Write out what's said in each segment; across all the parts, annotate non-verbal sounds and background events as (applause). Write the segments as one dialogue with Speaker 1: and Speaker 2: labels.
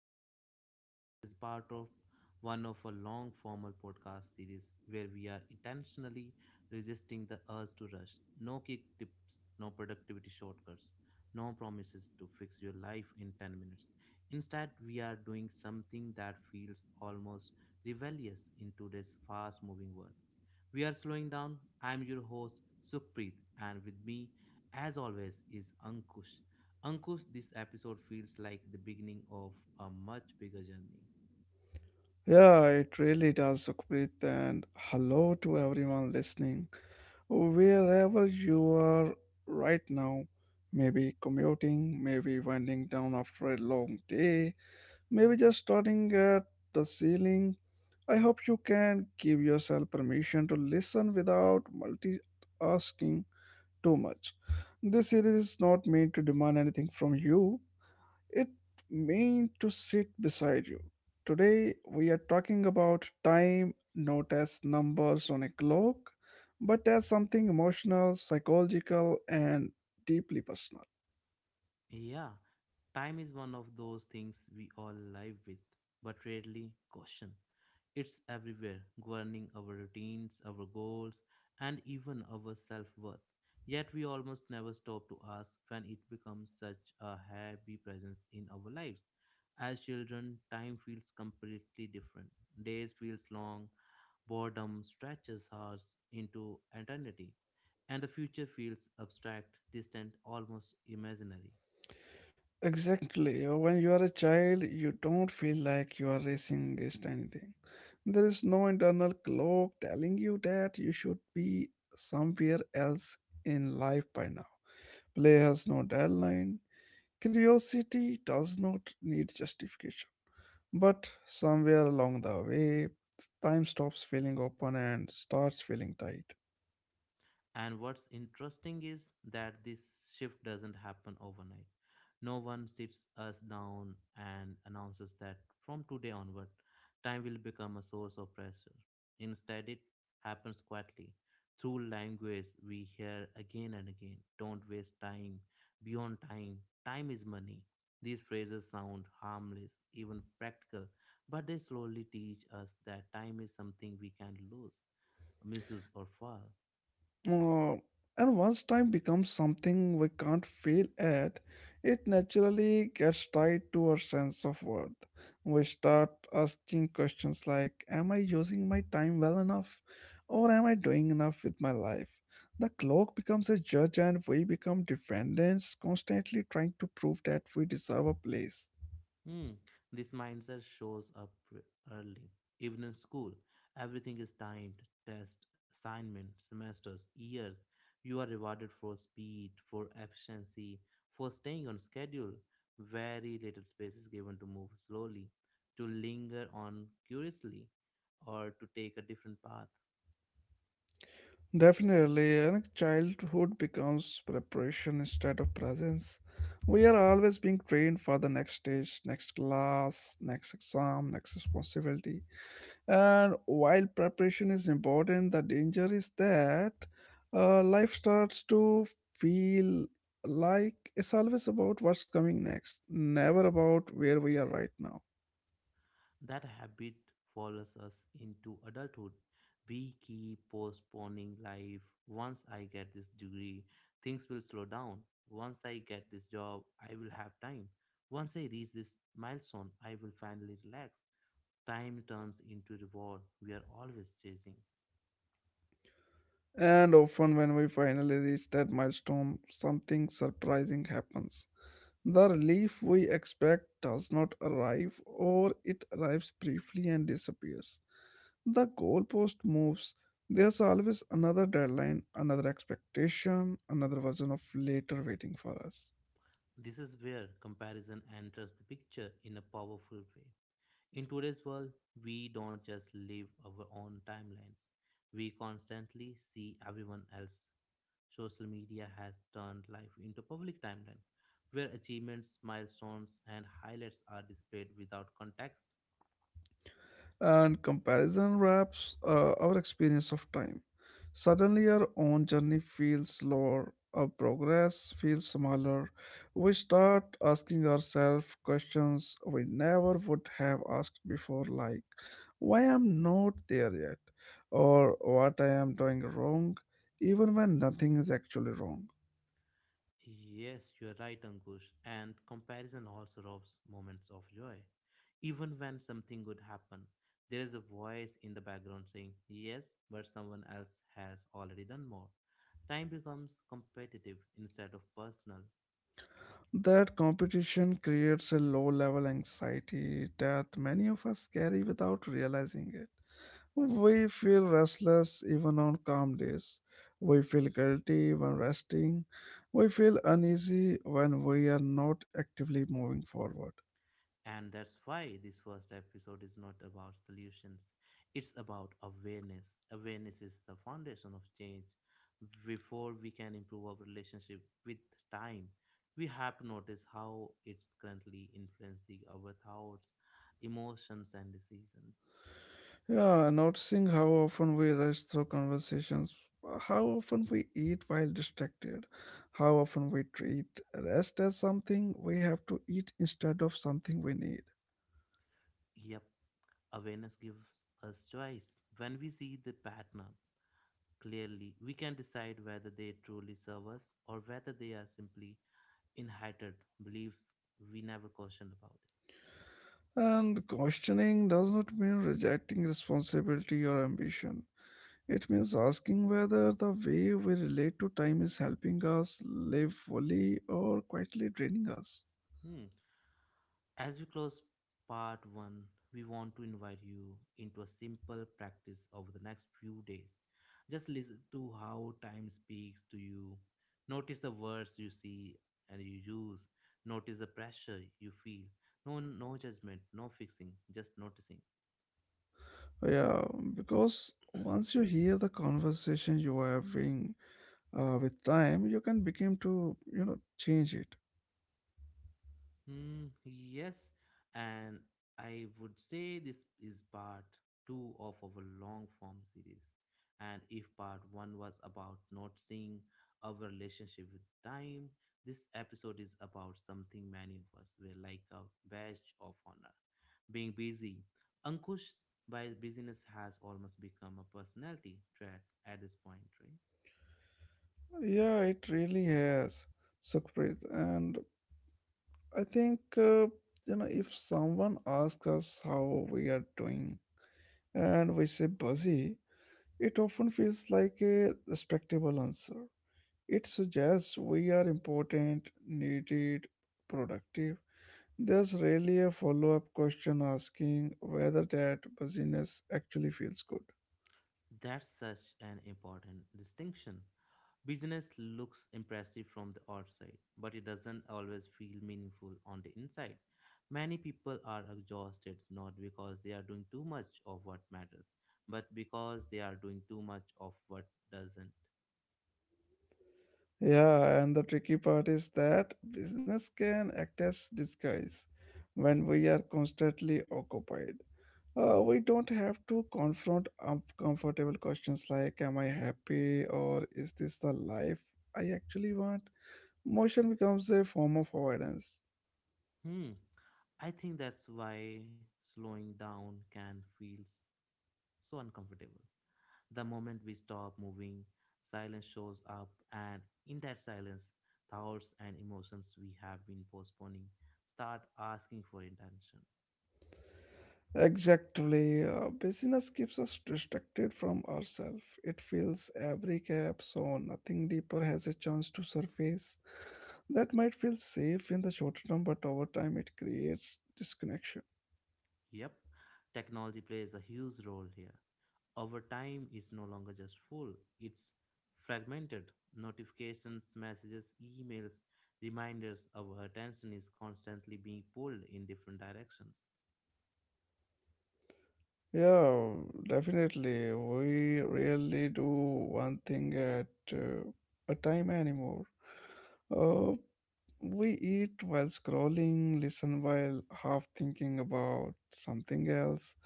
Speaker 1: That Shape Us. This is part of one of a long formal podcast series where we are intentionally resisting the urge to rush. No quick tips, no productivity shortcuts, no promises to fix your life in 10 minutes. Instead, we are doing something that feels almost rebellious in today's fast moving world. We are slowing down. I'm your host, Sukhpreet, and with me, as always, is Ankush. Ankush, this episode feels like the beginning of a much bigger journey.
Speaker 2: Yeah, it really does, Sukhpreet, and hello to everyone listening. Wherever you are right now, maybe commuting, maybe winding down after a long day, maybe just starting at the ceiling, I hope you can give yourself permission to listen without multitasking too much. This series is not meant to demand anything from you. It meant to sit beside you. Today, we are talking about time, not as numbers on a clock, but as something emotional, psychological, and deeply personal.
Speaker 1: Yeah, time is one of those things we all live with, but rarely caution. It's everywhere, governing our routines, our goals, and even our self worth. Yet we almost never stop to ask when it becomes such a heavy presence in our lives. As children, time feels completely different. Days feels long, boredom stretches hours into eternity, and the future feels abstract, distant, almost imaginary.
Speaker 2: Exactly. When you are a child, you don't feel like you are racing against anything. There is no internal clock telling you that you should be somewhere else in life by now. Play has no deadline. Curiosity does not need justification. But somewhere along the way, time stops feeling open and starts feeling tight.
Speaker 1: And what's interesting is that this shift doesn't happen overnight. No one sits us down and announces that from today onward, time will become a source of pressure. Instead, it happens quietly through language we hear again and again. Don't waste time, beyond time, time is money. These phrases sound harmless, even practical, but they slowly teach us that time is something we can lose, misuse, or fall.
Speaker 2: Uh, and once time becomes something we can't fail at, it naturally gets tied to our sense of worth. We start asking questions like, am I using my time well enough? Or am I doing enough with my life? The clock becomes a judge, and we become defendants, constantly trying to prove that we deserve a place.
Speaker 1: Hmm, this mindset shows up early. Even in school, everything is timed tests, assignments, semesters, years. You are rewarded for speed, for efficiency, for staying on schedule. Very little space is given to move slowly, to linger on curiously, or to take a different path.
Speaker 2: Definitely, I think childhood becomes preparation instead of presence. We are always being trained for the next stage, next class, next exam, next responsibility. And while preparation is important, the danger is that life starts to feel like it's always about what's coming next, never about where we are right now.
Speaker 1: That habit follows us into adulthood. We keep postponing life. Once I get this degree, things will slow down. Once I get this job, I will have time. Once I reach this milestone, I will finally relax. Time turns into reward we are always chasing.
Speaker 2: And often, when we finally reach that milestone, something surprising happens. The relief we expect does not arrive, or it arrives briefly and disappears. The goalpost moves. There's always another deadline, another expectation, another version of later waiting for us.
Speaker 1: This is where comparison enters the picture in a powerful way. In today's world, we don't just live our own timelines. We constantly see everyone else. Social media has turned life into public timeline, where achievements, milestones, and highlights are displayed without context.
Speaker 2: And comparison wraps our experience of time. Suddenly, our own journey feels slower, our progress feels smaller. We start asking ourselves questions we never would have asked before, like why I'm not there yet, or what I am doing wrong, even when nothing is actually wrong.
Speaker 1: Yes, you're right, Ankush. And comparison also robs moments of joy. Even when something good happen, there is a voice in the background saying, "Yes, but someone else has already done more." Time becomes competitive instead of personal.
Speaker 2: That competition creates a low level anxiety that many of us carry without realizing it. We feel restless even on calm days. We feel guilty when resting. We feel uneasy when we are not actively moving forward.
Speaker 1: And that's why this first episode is not about solutions. It's about awareness. Awareness is the foundation of change. Before we can improve our relationship with time, we have to notice how it's currently influencing our thoughts, emotions, and decisions.
Speaker 2: Yeah, noticing how often we rush through conversations, how often we eat while distracted, how often we treat rest as something we have to eat instead of something we need.
Speaker 1: Yep, awareness gives us choice. When we see the pattern clearly, we can decide whether they truly serve us or whether they are simply inherited beliefs we never questioned about it.
Speaker 2: And questioning does not mean rejecting responsibility or ambition. It means asking whether the way we relate to time is helping us live fully or quietly draining us.
Speaker 1: Hmm. As we close part one, we want to invite you into a simple practice over the next few days. Just listen to how time speaks to you. Notice the words you see and you use. Notice the pressure you feel. No, no judgment, no fixing, just noticing.
Speaker 2: Yeah, because once you hear the conversation you are having with time, you can begin to, you know, change it.
Speaker 1: Hmm, yes, and I would say this is part two of our long form series. And if part one was about not seeing our relationship with time, this episode is about something many of us were like a badge of honor being busy. Ankush, by busyness has almost become a personality trait at this point, right?
Speaker 2: Yeah, it really has, Sukhpreet. And I think you know, if someone asks us how we are doing and we say busy, it often feels like a respectable answer. It suggests we are important, needed, productive. There's rarely a follow-up question asking whether that busyness actually feels good.
Speaker 1: That's such an important distinction. Business looks impressive from the outside, but it doesn't always feel meaningful on the inside. Many people are exhausted not because they are doing too much of what matters, but because they are doing too much of what doesn't.
Speaker 2: Yeah, and the tricky part is that business can act as disguise when we are constantly occupied. We don't have to confront uncomfortable questions like "Am I happy?" or "Is this the life I actually want?" Motion becomes a form of avoidance.
Speaker 1: Hmm. I think that's why slowing down can feel so uncomfortable. The moment we stop moving, silence shows up, and in that silence, thoughts and emotions we have been postponing start asking for attention.
Speaker 2: Exactly, busyness keeps us distracted from ourselves. It fills every gap, so nothing deeper has a chance to surface. That might feel safe in the short term, but over time it creates disconnection.
Speaker 1: Yep, technology plays a huge role here. Our time is no longer just full, it's fragmented. Notifications, messages, emails, reminders, our attention is constantly being pulled in different directions.
Speaker 2: Yeah, definitely. We rarely do one thing at a time anymore. Uh, we eat while scrolling, listen while half thinking about something else,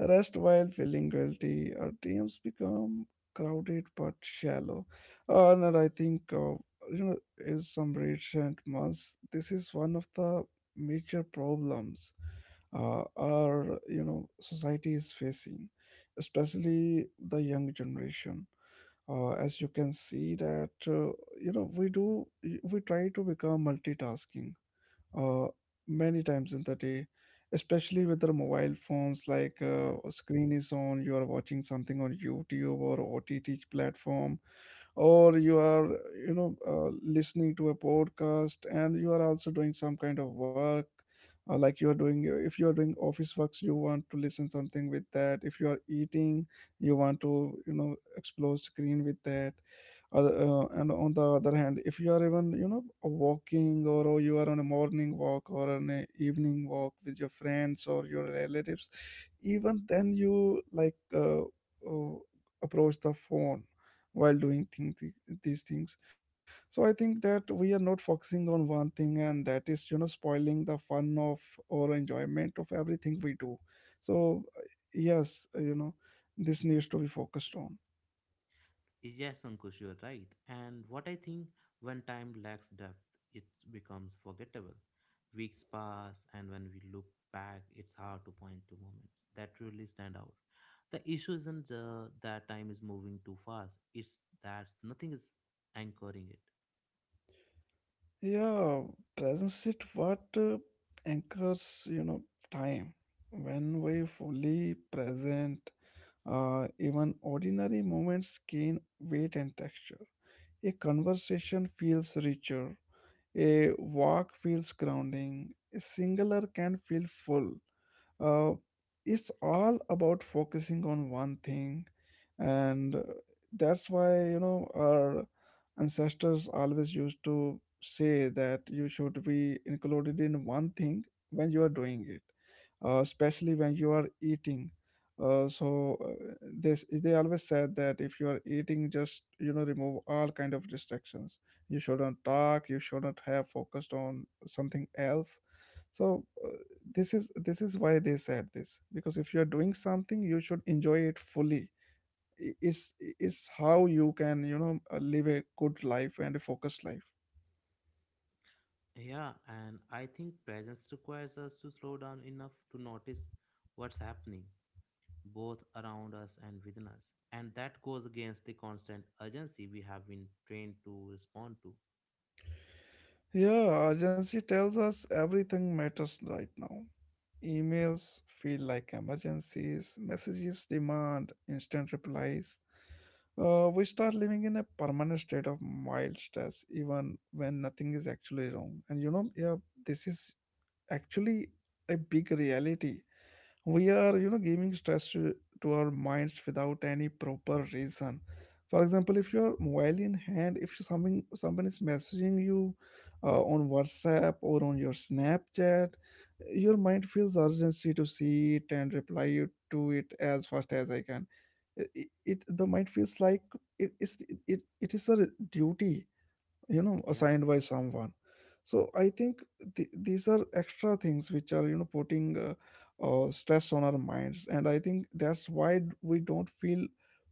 Speaker 2: rest while feeling guilty. Our DMs become crowded but shallow. Uh, and I think, uh, you know, in some recent months, this is one of the major problems our, you know, society is facing, especially the young generation. As you can see that, you know, we try to become multitasking uh, many times in the day, especially with our mobile phones. Like
Speaker 1: Yeah.
Speaker 2: screen is on, you are watching something on YouTube or OTT platform, or you are, you know, listening to a podcast, and you are also doing some kind of work. Like you are doing If you are doing office works, you want to listen something with that. If you are eating, you want to, you know, explore screen with that other. And on the other hand, if you are even, you know, walking or you are on a morning walk or on an evening walk with your friends or your relatives, even then you like approach the phone while doing these things. So I think that we are not focusing on one thing, and that is, you know, spoiling the fun of or enjoyment of everything we do. So yes, you know, this needs to be focused on.
Speaker 1: Yes, Ankush, you are right. And what I think when time lacks depth, it becomes forgettable. Weeks pass, and when we look back, it's hard to point to moments that really stand out. The issue isn't that time is moving too fast, it's that nothing is anchoring it.
Speaker 2: Yeah, presence it what anchors, you know, time. When we fully present, even ordinary moments gain weight and texture. A conversation feels richer. A walk feels grounding. A singular can feel full. uh, it's all about focusing on one thing. And that's why, you know, our ancestors always used to say that you should be included in one thing when you are doing it, especially when you are eating. uh, so uh, this they always said, that if you are eating, just, you know, remove all kind of distractions. You shouldn't talk, you shouldn't have focused on something else. So this is why they said this, because if you're doing something, you should enjoy it fully. It's how you can, you know, live a good life and a focused life.
Speaker 1: Yeah, and I think presence requires us to slow down enough to notice what's happening, both around us and within us. And that goes against the constant urgency we have been trained to respond to.
Speaker 2: Yeah, urgency tells us everything matters right now. Emails feel like emergencies, messages demand instant replies. We start living in a permanent state of mild stress even when nothing is actually wrong, and, you know, yeah, this is actually a big reality. We are, you know, giving stress to our minds without any proper reason. For example, if your mobile in hand, if something someone is messaging you on WhatsApp or on your Snapchat, your mind feels urgency to see it and reply to it as fast as I can. It, the mind feels like it is a duty, you know,
Speaker 1: Yeah.
Speaker 2: assigned by someone. So I think these are extra things which are, you know, putting stress on our minds. And I think that's why we don't feel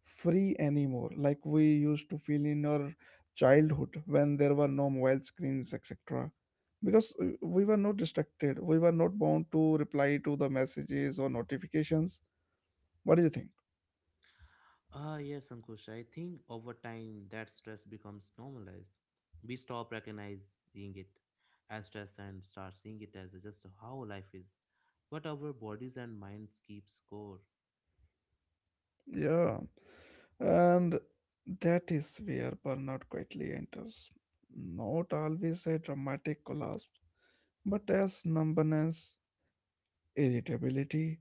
Speaker 2: free anymore, like we used to feel in our childhood, when there were no mobile screens, etc., because we were not distracted, we were not bound to reply to the messages or notifications. What do you think?
Speaker 1: Ah, yes, Ankush. I think over time that stress becomes normalized. We stop recognizing it as stress and start seeing it as just how life is. But our bodies and minds keep score.
Speaker 2: Yeah. And that is where burnout quietly enters. Not always a dramatic collapse, but as numbness, irritability,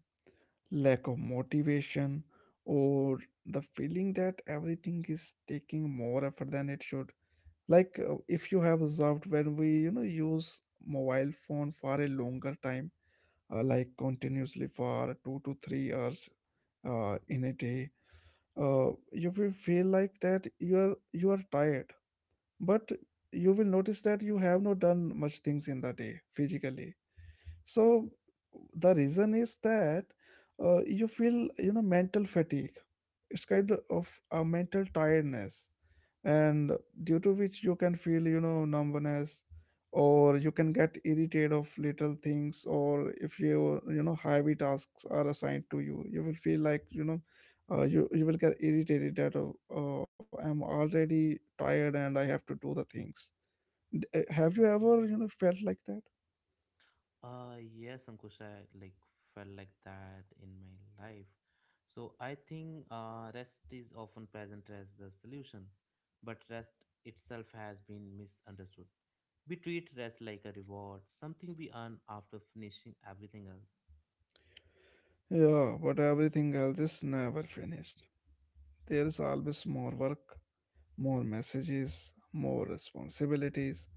Speaker 2: lack of motivation, or the feeling that everything is taking more effort than it should. Like if you have observed, when we, you know, use mobile phone for a longer time, like continuously for 2 to 3 hours in a day, you will feel like that you are tired, but you will notice that you have not done much things in the day physically. So the reason is that you feel, you know, mental fatigue. It's kind of a mental tiredness. And due to which you can feel, you know, numbness, or you can get irritated of little things. Or if you, you know, heavy tasks are assigned to you, you will feel like, you know, you will get irritated that oh, I'm already tired and I have to do the things. Have you ever, you know, felt like that?
Speaker 1: Yes, Ankush, I like felt like that in my life. So I think rest is often present as the solution, but rest itself has been misunderstood. We treat rest like a reward, something we earn after finishing everything else.
Speaker 2: Yeah, but everything else is never finished. There's always more work, more messages, more responsibilities.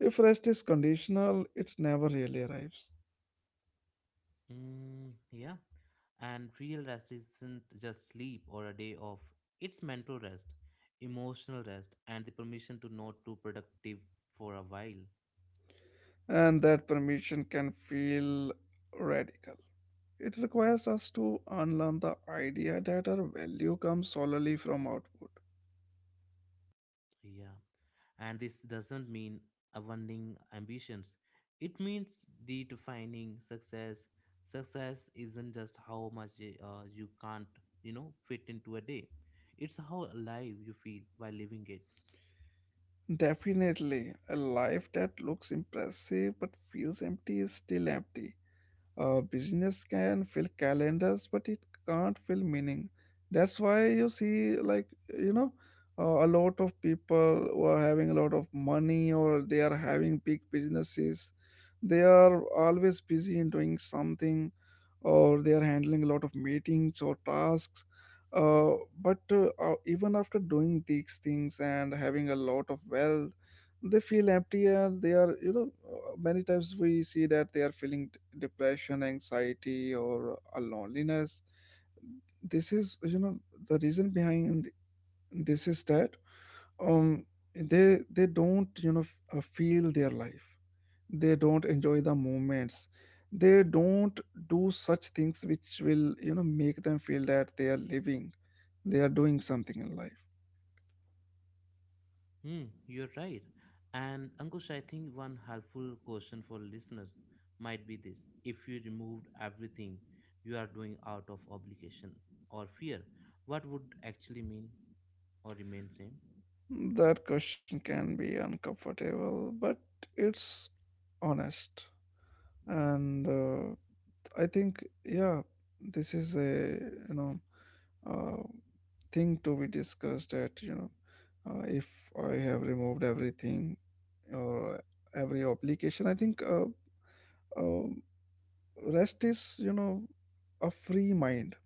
Speaker 2: If rest is conditional, it never really arrives.
Speaker 1: Mm, yeah, and real rest isn't just sleep or a day off. It's mental rest, emotional rest, and the permission to not do productive for a while.
Speaker 2: And that permission can feel radical. It requires us to unlearn the idea that our value comes solely from output.
Speaker 1: Yeah. And this doesn't mean abandoning ambitions. It means redefining success. Success isn't just how much you can't fit into a day. It's how alive you feel while living it.
Speaker 2: Definitely, a life that looks impressive but feels empty is still empty. Business can fill calendars, but it can't fill meaning. That's why you see, like, you know, a lot of people who are having a lot of money, or they are having big businesses, they are always busy in doing something, or they are handling a lot of meetings or tasks. Uh, but Even after doing these things and having a lot of wealth, they feel empty, and they are, you know, many times we see that they are feeling depression, anxiety, or a loneliness. This is, the reason behind this is that um, they don't, feel their life, they don't enjoy the moments, they don't do such things which will make them feel that they are living, they are doing something in life.
Speaker 1: Hmm, you're right. And, Ankush, I think one helpful question for listeners might be this: if you removed everything you are doing out of obligation or fear, what would actually mean or remain same?
Speaker 2: That question can be uncomfortable but it's honest. And I think, yeah, this is a, you know uh, thing to be discussed. That, if I have removed everything or every obligation, I think uh, rest is, you know, a free mind.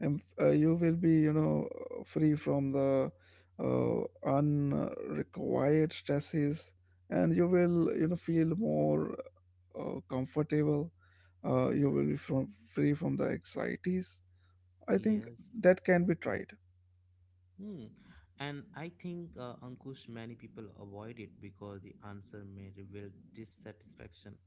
Speaker 2: And you will be, you know, free from the uh, unrequired stresses, and you will, you know, feel more comfortable. You will be from, free from the anxieties, I think
Speaker 1: Yes.
Speaker 2: that can be tried.
Speaker 1: Hmm. And I think, Ankush, many people avoid it because the answer may reveal dissatisfaction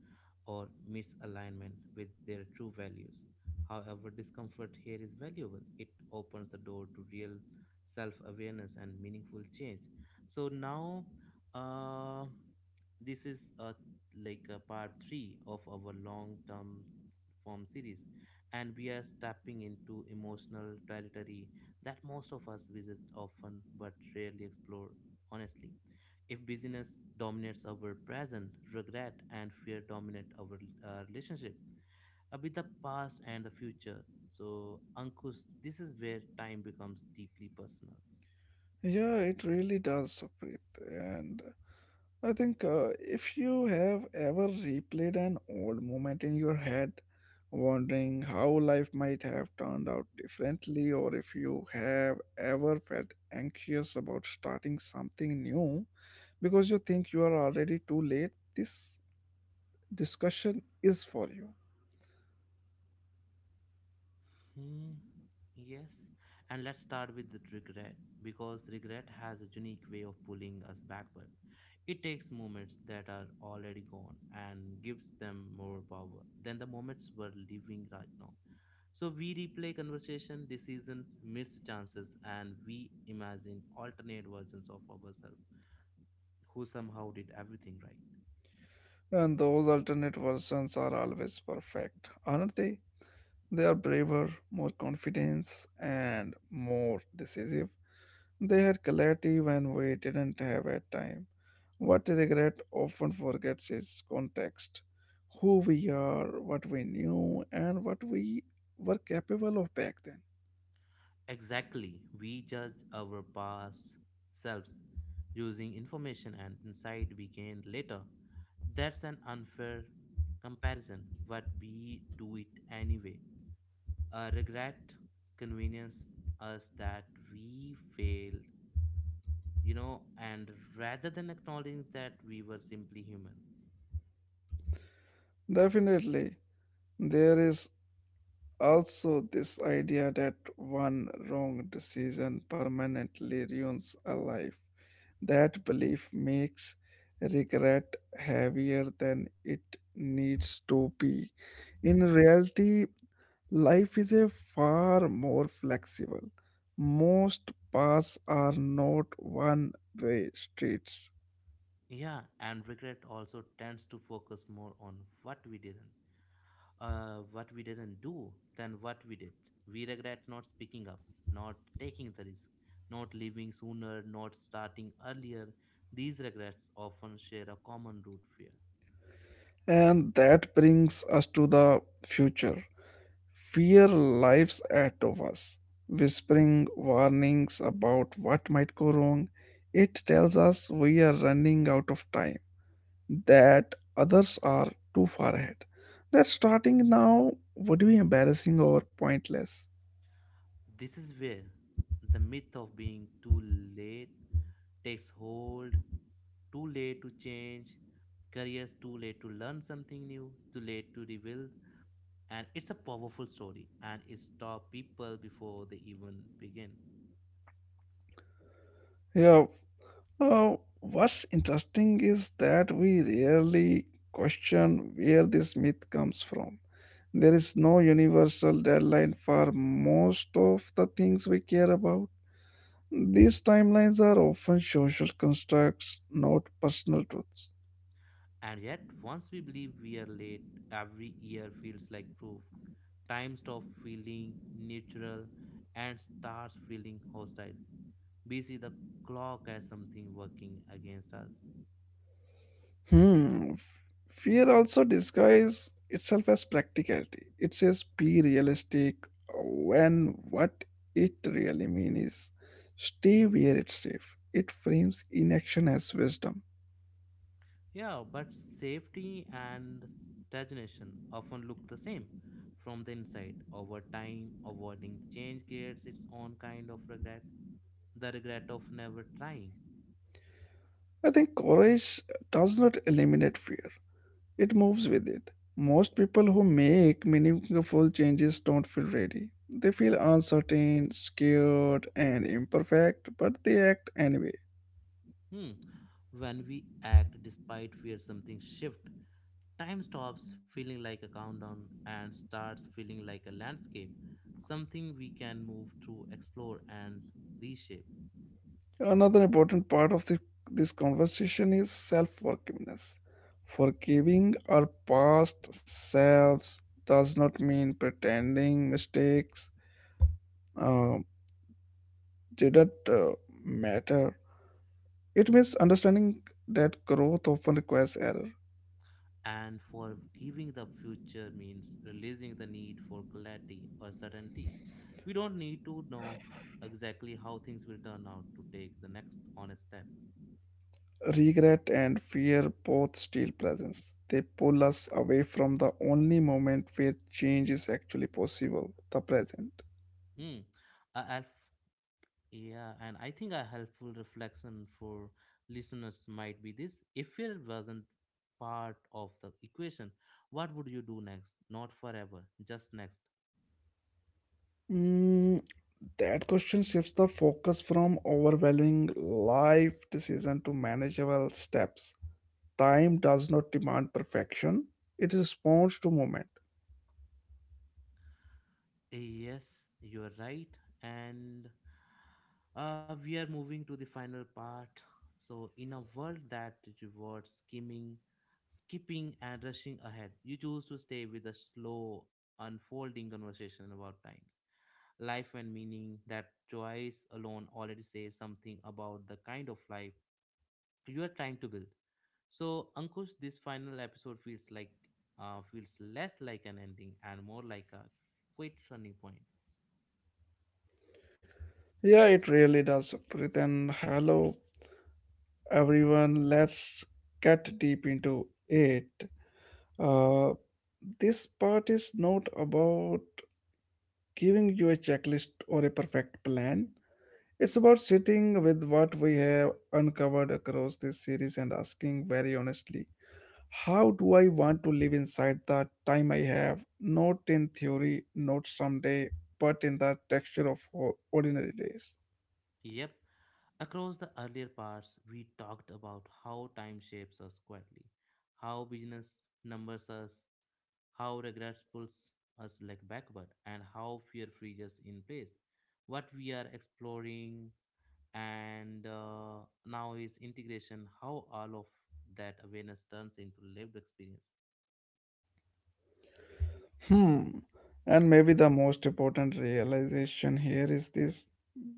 Speaker 1: or misalignment with their true values. However, discomfort here is valuable. It opens the door to real self awareness and meaningful change. So now, uh, this is like a part three of our long term form series, and we are stepping into emotional territory that most of us visit often but rarely explore honestly. If busyness dominates our present, regret and fear dominate our relationship with the past and the future. So, Ankush, this is where time becomes deeply personal.
Speaker 2: Yeah, it really does, Saprit. And I think, if you have ever replayed an old moment in your head, wondering how life might have turned out differently, or if you have ever felt anxious about starting something new because you think you are already too late, this discussion is for you.
Speaker 1: Hmm. Yes, and let's start with the regret because regret has a unique way of pulling us backward. It takes moments that are already gone and gives them more power than the moments we're living right now. So we replay conversation, decisions, missed chances, and we imagine alternate versions of ourselves who somehow did everything right.
Speaker 2: And those alternate versions are always perfect, aren't they? They are braver, more confident, and more decisive. They had clarity when we didn't have at time. What regret often forgets is context: who we are, what we knew, and what we were capable of back then.
Speaker 1: Exactly, we judged our past selves using information and insight we gained later. That's an unfair comparison, but we do it anyway. Regret convenience us that we failed, and rather than acknowledging that we were simply human.
Speaker 2: Definitely, there is also this idea that one wrong decision permanently ruins a life. That belief makes regret heavier than it needs to be. In reality, life is a far more flexible. Most paths are not one way streets.
Speaker 1: Yeah, and regret also tends to focus more on what we didn't, what we didn't do than what we did. We regret not speaking up, not taking the risk, not leaving sooner, not starting earlier. These regrets often share a common root fear.
Speaker 2: And that brings us to the future. Fear lies ahead of us, whispering warnings about what might go wrong. It tells us we are running out of time, that others are too far ahead, that starting now would be embarrassing or pointless.
Speaker 1: This is where the myth of being too late takes hold. Too late to change careers, too late to learn something new, too late to rebuild. And it's a powerful story and it stops people before they even begin.
Speaker 2: Yeah. What's interesting is that we rarely question where this myth comes from. There is no universal deadline for most of the things we care about. These timelines are often social constructs, not personal truths.
Speaker 1: And yet, once we believe we are late, every year feels like proof. Time stops feeling neutral and starts feeling hostile. We see the clock as something working against us.
Speaker 2: Hmm. f- Fear also disguises itself as practicality. It says be realistic, when what it really means is stay where it's safe. It frames inaction as wisdom.
Speaker 1: Yeah, but safety and stagnation often look the same from the inside. Over time, avoiding change creates its own kind of regret, the regret of never trying.
Speaker 2: I think courage does not eliminate fear. It moves with it. Most people who make meaningful changes don't feel ready. They feel uncertain, scared, and imperfect, but they act anyway.
Speaker 1: Hmm. When we act despite fear, something shifts. Time stops feeling like a countdown and starts feeling like a landscape, something we can move through, explore, and reshape.
Speaker 2: Another important part of this conversation is self forgiveness. Forgiving our past selves does not mean pretending mistakes uh, didn't matter. It means understanding that growth often requires error.
Speaker 1: And forgiving the future means releasing the need for clarity or certainty. We don't need to know exactly how things will turn out to take the next honest step.
Speaker 2: Regret and fear both steal presence. They pull us away from the only moment where change is actually possible, the present.
Speaker 1: Hmm. A alf- yeah, and I think a helpful reflection for listeners might be this: if fear wasn't part of the equation, what would you do next? Not forever, just next.
Speaker 2: Mm, that question shifts the focus from overwhelming life decision to manageable steps. Time does not demand perfection, it responds to moment.
Speaker 1: Yes, you are right, and we are moving to the final part. So, in a world that rewards skimming, skipping, and rushing ahead, you choose to stay with a slow, unfolding conversation about times, life, and meaning. That choice alone already says something about the kind of life you are trying to build. So, Ankush, this final episode feels less like an ending and more like a quick turning point.
Speaker 2: Yeah, it really does, Pritan. Hello everyone. Let's get deep into it. Uh, this part is not about giving you a checklist or a perfect plan. It's about sitting with what we have uncovered across this series and asking very honestly, how do I want to live inside the time I have? Not in theory, not someday, but in the texture of ordinary days.
Speaker 1: Yep. Across the earlier parts, we talked about how time shapes us quietly, how business numbers us, how regrets pulls us like backward, and how fear freezes in place. What we are exploring and now is integration, how all of that awareness turns into lived experience.
Speaker 2: Hmm. And maybe the most important realization here is this: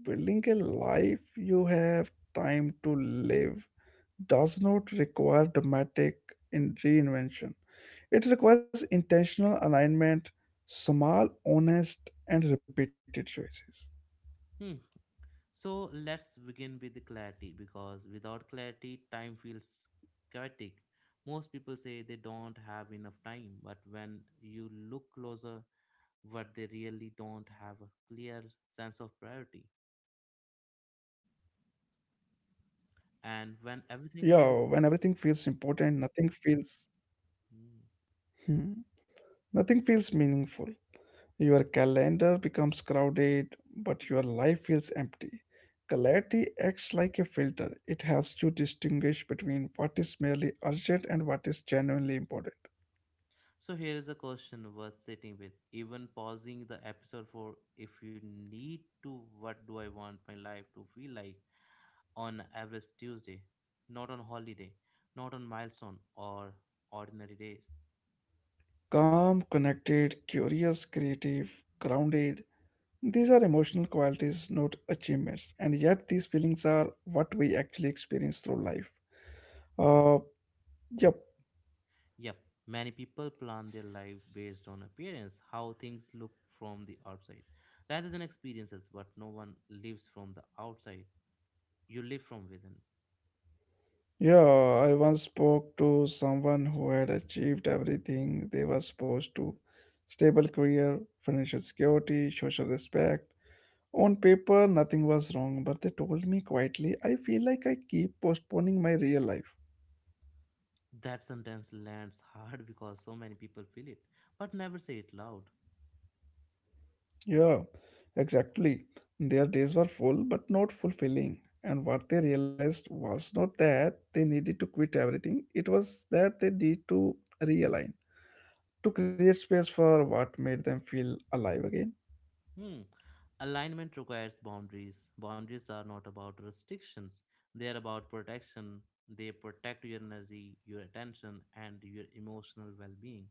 Speaker 2: building a life you have time to live does not require dramatic in reinvention. It requires intentional alignment, small, honest, and repeated choices.
Speaker 1: Hmm. So let's begin with the clarity because without clarity, time feels chaotic. Most people say they don't have enough time, but when you look closer, what they really don't have a clear sense of priority.
Speaker 2: Yeah, when
Speaker 1: And when
Speaker 2: everything feels
Speaker 1: everything feels.
Speaker 2: important, nothing feels,
Speaker 1: Hmm.
Speaker 2: hmm, nothing feels meaningful. Your calendar becomes crowded, but your life feels empty. Clarity acts like a filter. It helps you distinguish between what is merely urgent and what is genuinely important.
Speaker 1: So, here is a question worth sitting with. Even pausing the episode for if you need to, what do I want my life to feel like? On average Tuesday, not on holiday, not on milestone or ordinary days.
Speaker 2: Calm, connected, curious, creative, grounded. These are emotional qualities, not achievements. And yet, these feelings are what we actually experience through life. Uh, yep.
Speaker 1: Yep, many people plan their life based on appearance, how things look from the outside, rather than experiences, but no one lives from the outside. You live from within.
Speaker 2: Yeah, I once spoke to someone who had achieved everything they were supposed to: stable career, financial security, social respect. On paper, nothing was wrong, but they told me quietly, I feel like I keep postponing my real life.
Speaker 1: That sentence lands (laughs) hard because so many people feel it, but never say it loud.
Speaker 2: Yeah, exactly. Their days were full but not fulfilling. And what they realized was not that they needed to quit everything, it was that they need to realign, to create space for what made them feel alive again.
Speaker 1: Hmm. Alignment requires boundaries. Boundaries are not about restrictions, they are about protection. They protect your energy, your attention, and your emotional well being.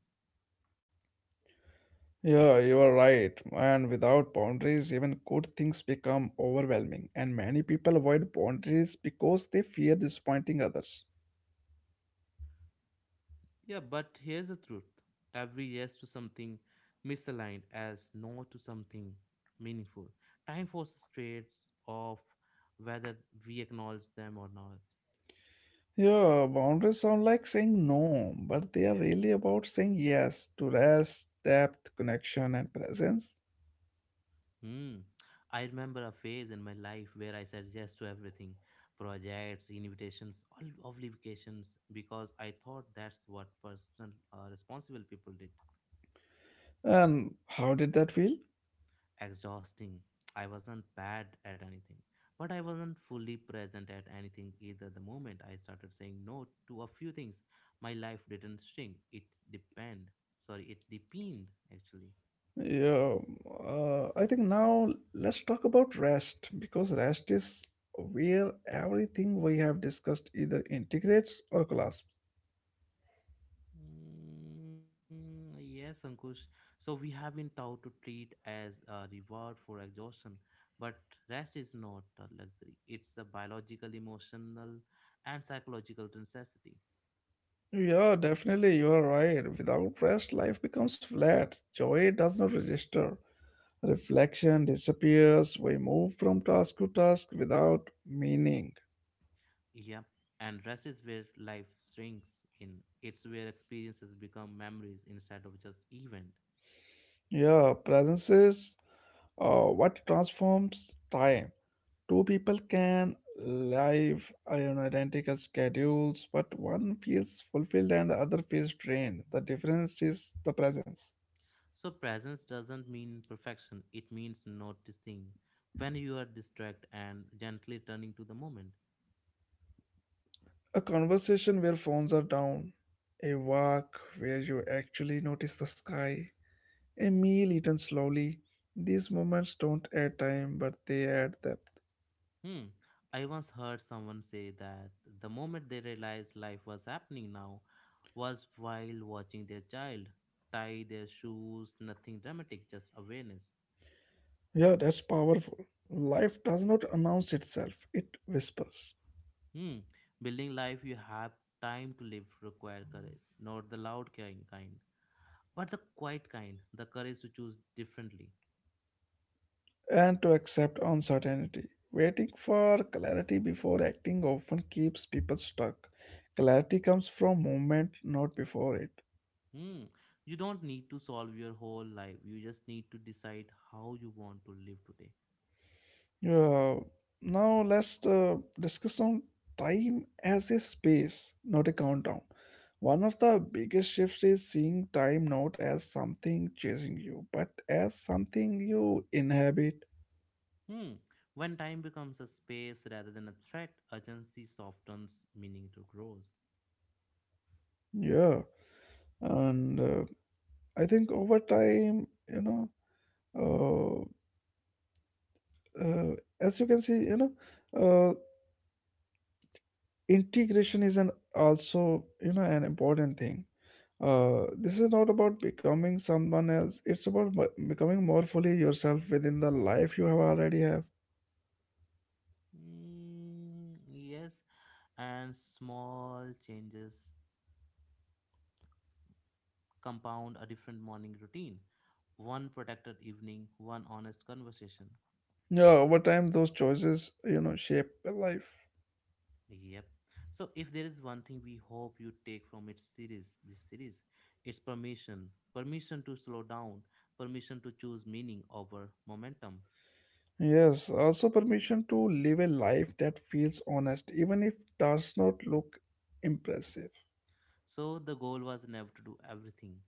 Speaker 2: Yeah, you are right. And without boundaries, even good things become overwhelming. And many people avoid boundaries because they fear disappointing others.
Speaker 1: Yeah, but here's the truth: every yes to something misaligned as no to something meaningful. Time forces trades off whether we acknowledge them or not.
Speaker 2: Yeah, boundaries sound like saying no, but they are really about saying yes to rest, depth, connection, and presence.
Speaker 1: Hmm. I remember a phase in my life where I said yes to everything projects, invitations, all obligations because I thought that's what personal, responsible people did.
Speaker 2: And how did that feel?
Speaker 1: Exhausting. I wasn't bad at anything, but I wasn't fully present at anything either. The moment I started saying no to a few things, my life didn't shrink. It depend. Sorry, it deepened actually.
Speaker 2: Yeah, I think now let's talk about rest because rest is where everything we have discussed either integrates or collapses.
Speaker 1: Mm, yes, Ankush. So we have been taught to treat as a reward for exhaustion, but rest is not a luxury. It's a biological, emotional, and psychological necessity.
Speaker 2: Yeah, definitely, you are right. Without rest, life becomes flat. Joy does not register. Reflection disappears. We move from task to task without meaning.
Speaker 1: Yeah, and rest is where life shrinks in. It's where experiences become memories instead of just event.
Speaker 2: Yeah, presence is what transforms time. Two people can live on identical schedules, but one feels fulfilled and the other feels drained. The difference is the presence.
Speaker 1: So presence doesn't mean perfection. It means noticing when you are distracted and gently turning to the moment.
Speaker 2: A conversation where phones are down, a walk where you actually notice the sky, a meal eaten slowly. These moments don't add time, but they add depth.
Speaker 1: Hmm. I once heard someone say that the moment they realized life was happening now was while watching their child tie their shoes, nothing dramatic, just awareness.
Speaker 2: Yeah, that's powerful. Life does not announce itself, it whispers.
Speaker 1: Hmm. Building life you have time to live require courage, not the loud kind, but the quiet kind, the courage to choose differently.
Speaker 2: And to accept uncertainty. Waiting for clarity before acting often keeps people stuck. Clarity comes from movement, not before it.
Speaker 1: Hmm. You don't need to solve your whole life. You just need to decide how you want to live today.
Speaker 2: Uh, Now let's discuss on time as a space, not a countdown. One of the biggest shifts is seeing time not as something chasing you, but as something you inhabit.
Speaker 1: Hmm. When time becomes a space rather than a threat, urgency softens, meaning to grows.
Speaker 2: Yeah, and I think over time, know, uh, as you can see, uh, integration is an also, you know, an important thing. This is not about becoming someone else. It's about becoming more fully yourself within the life you have already have.
Speaker 1: Hmm. Yes, and small changes compound a different morning routine. One protected evening, one honest conversation.
Speaker 2: Yeah, over time, those choices, you know, shape a life.
Speaker 1: Yep. So, if there is one thing we hope you take from its series, this series, it's permission. Permission to slow down, permission to choose meaning over momentum.
Speaker 2: Yes, also permission to live a life that feels honest, even if does not look impressive.
Speaker 1: So, the goal was never to do everything.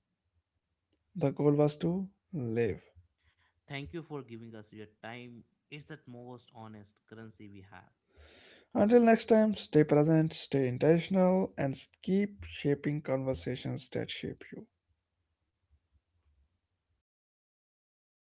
Speaker 2: The goal was to live.
Speaker 1: Thank you for giving us your time. It's the most honest currency we have.
Speaker 2: Until next time, stay present, stay intentional, and keep shaping conversations that shape you.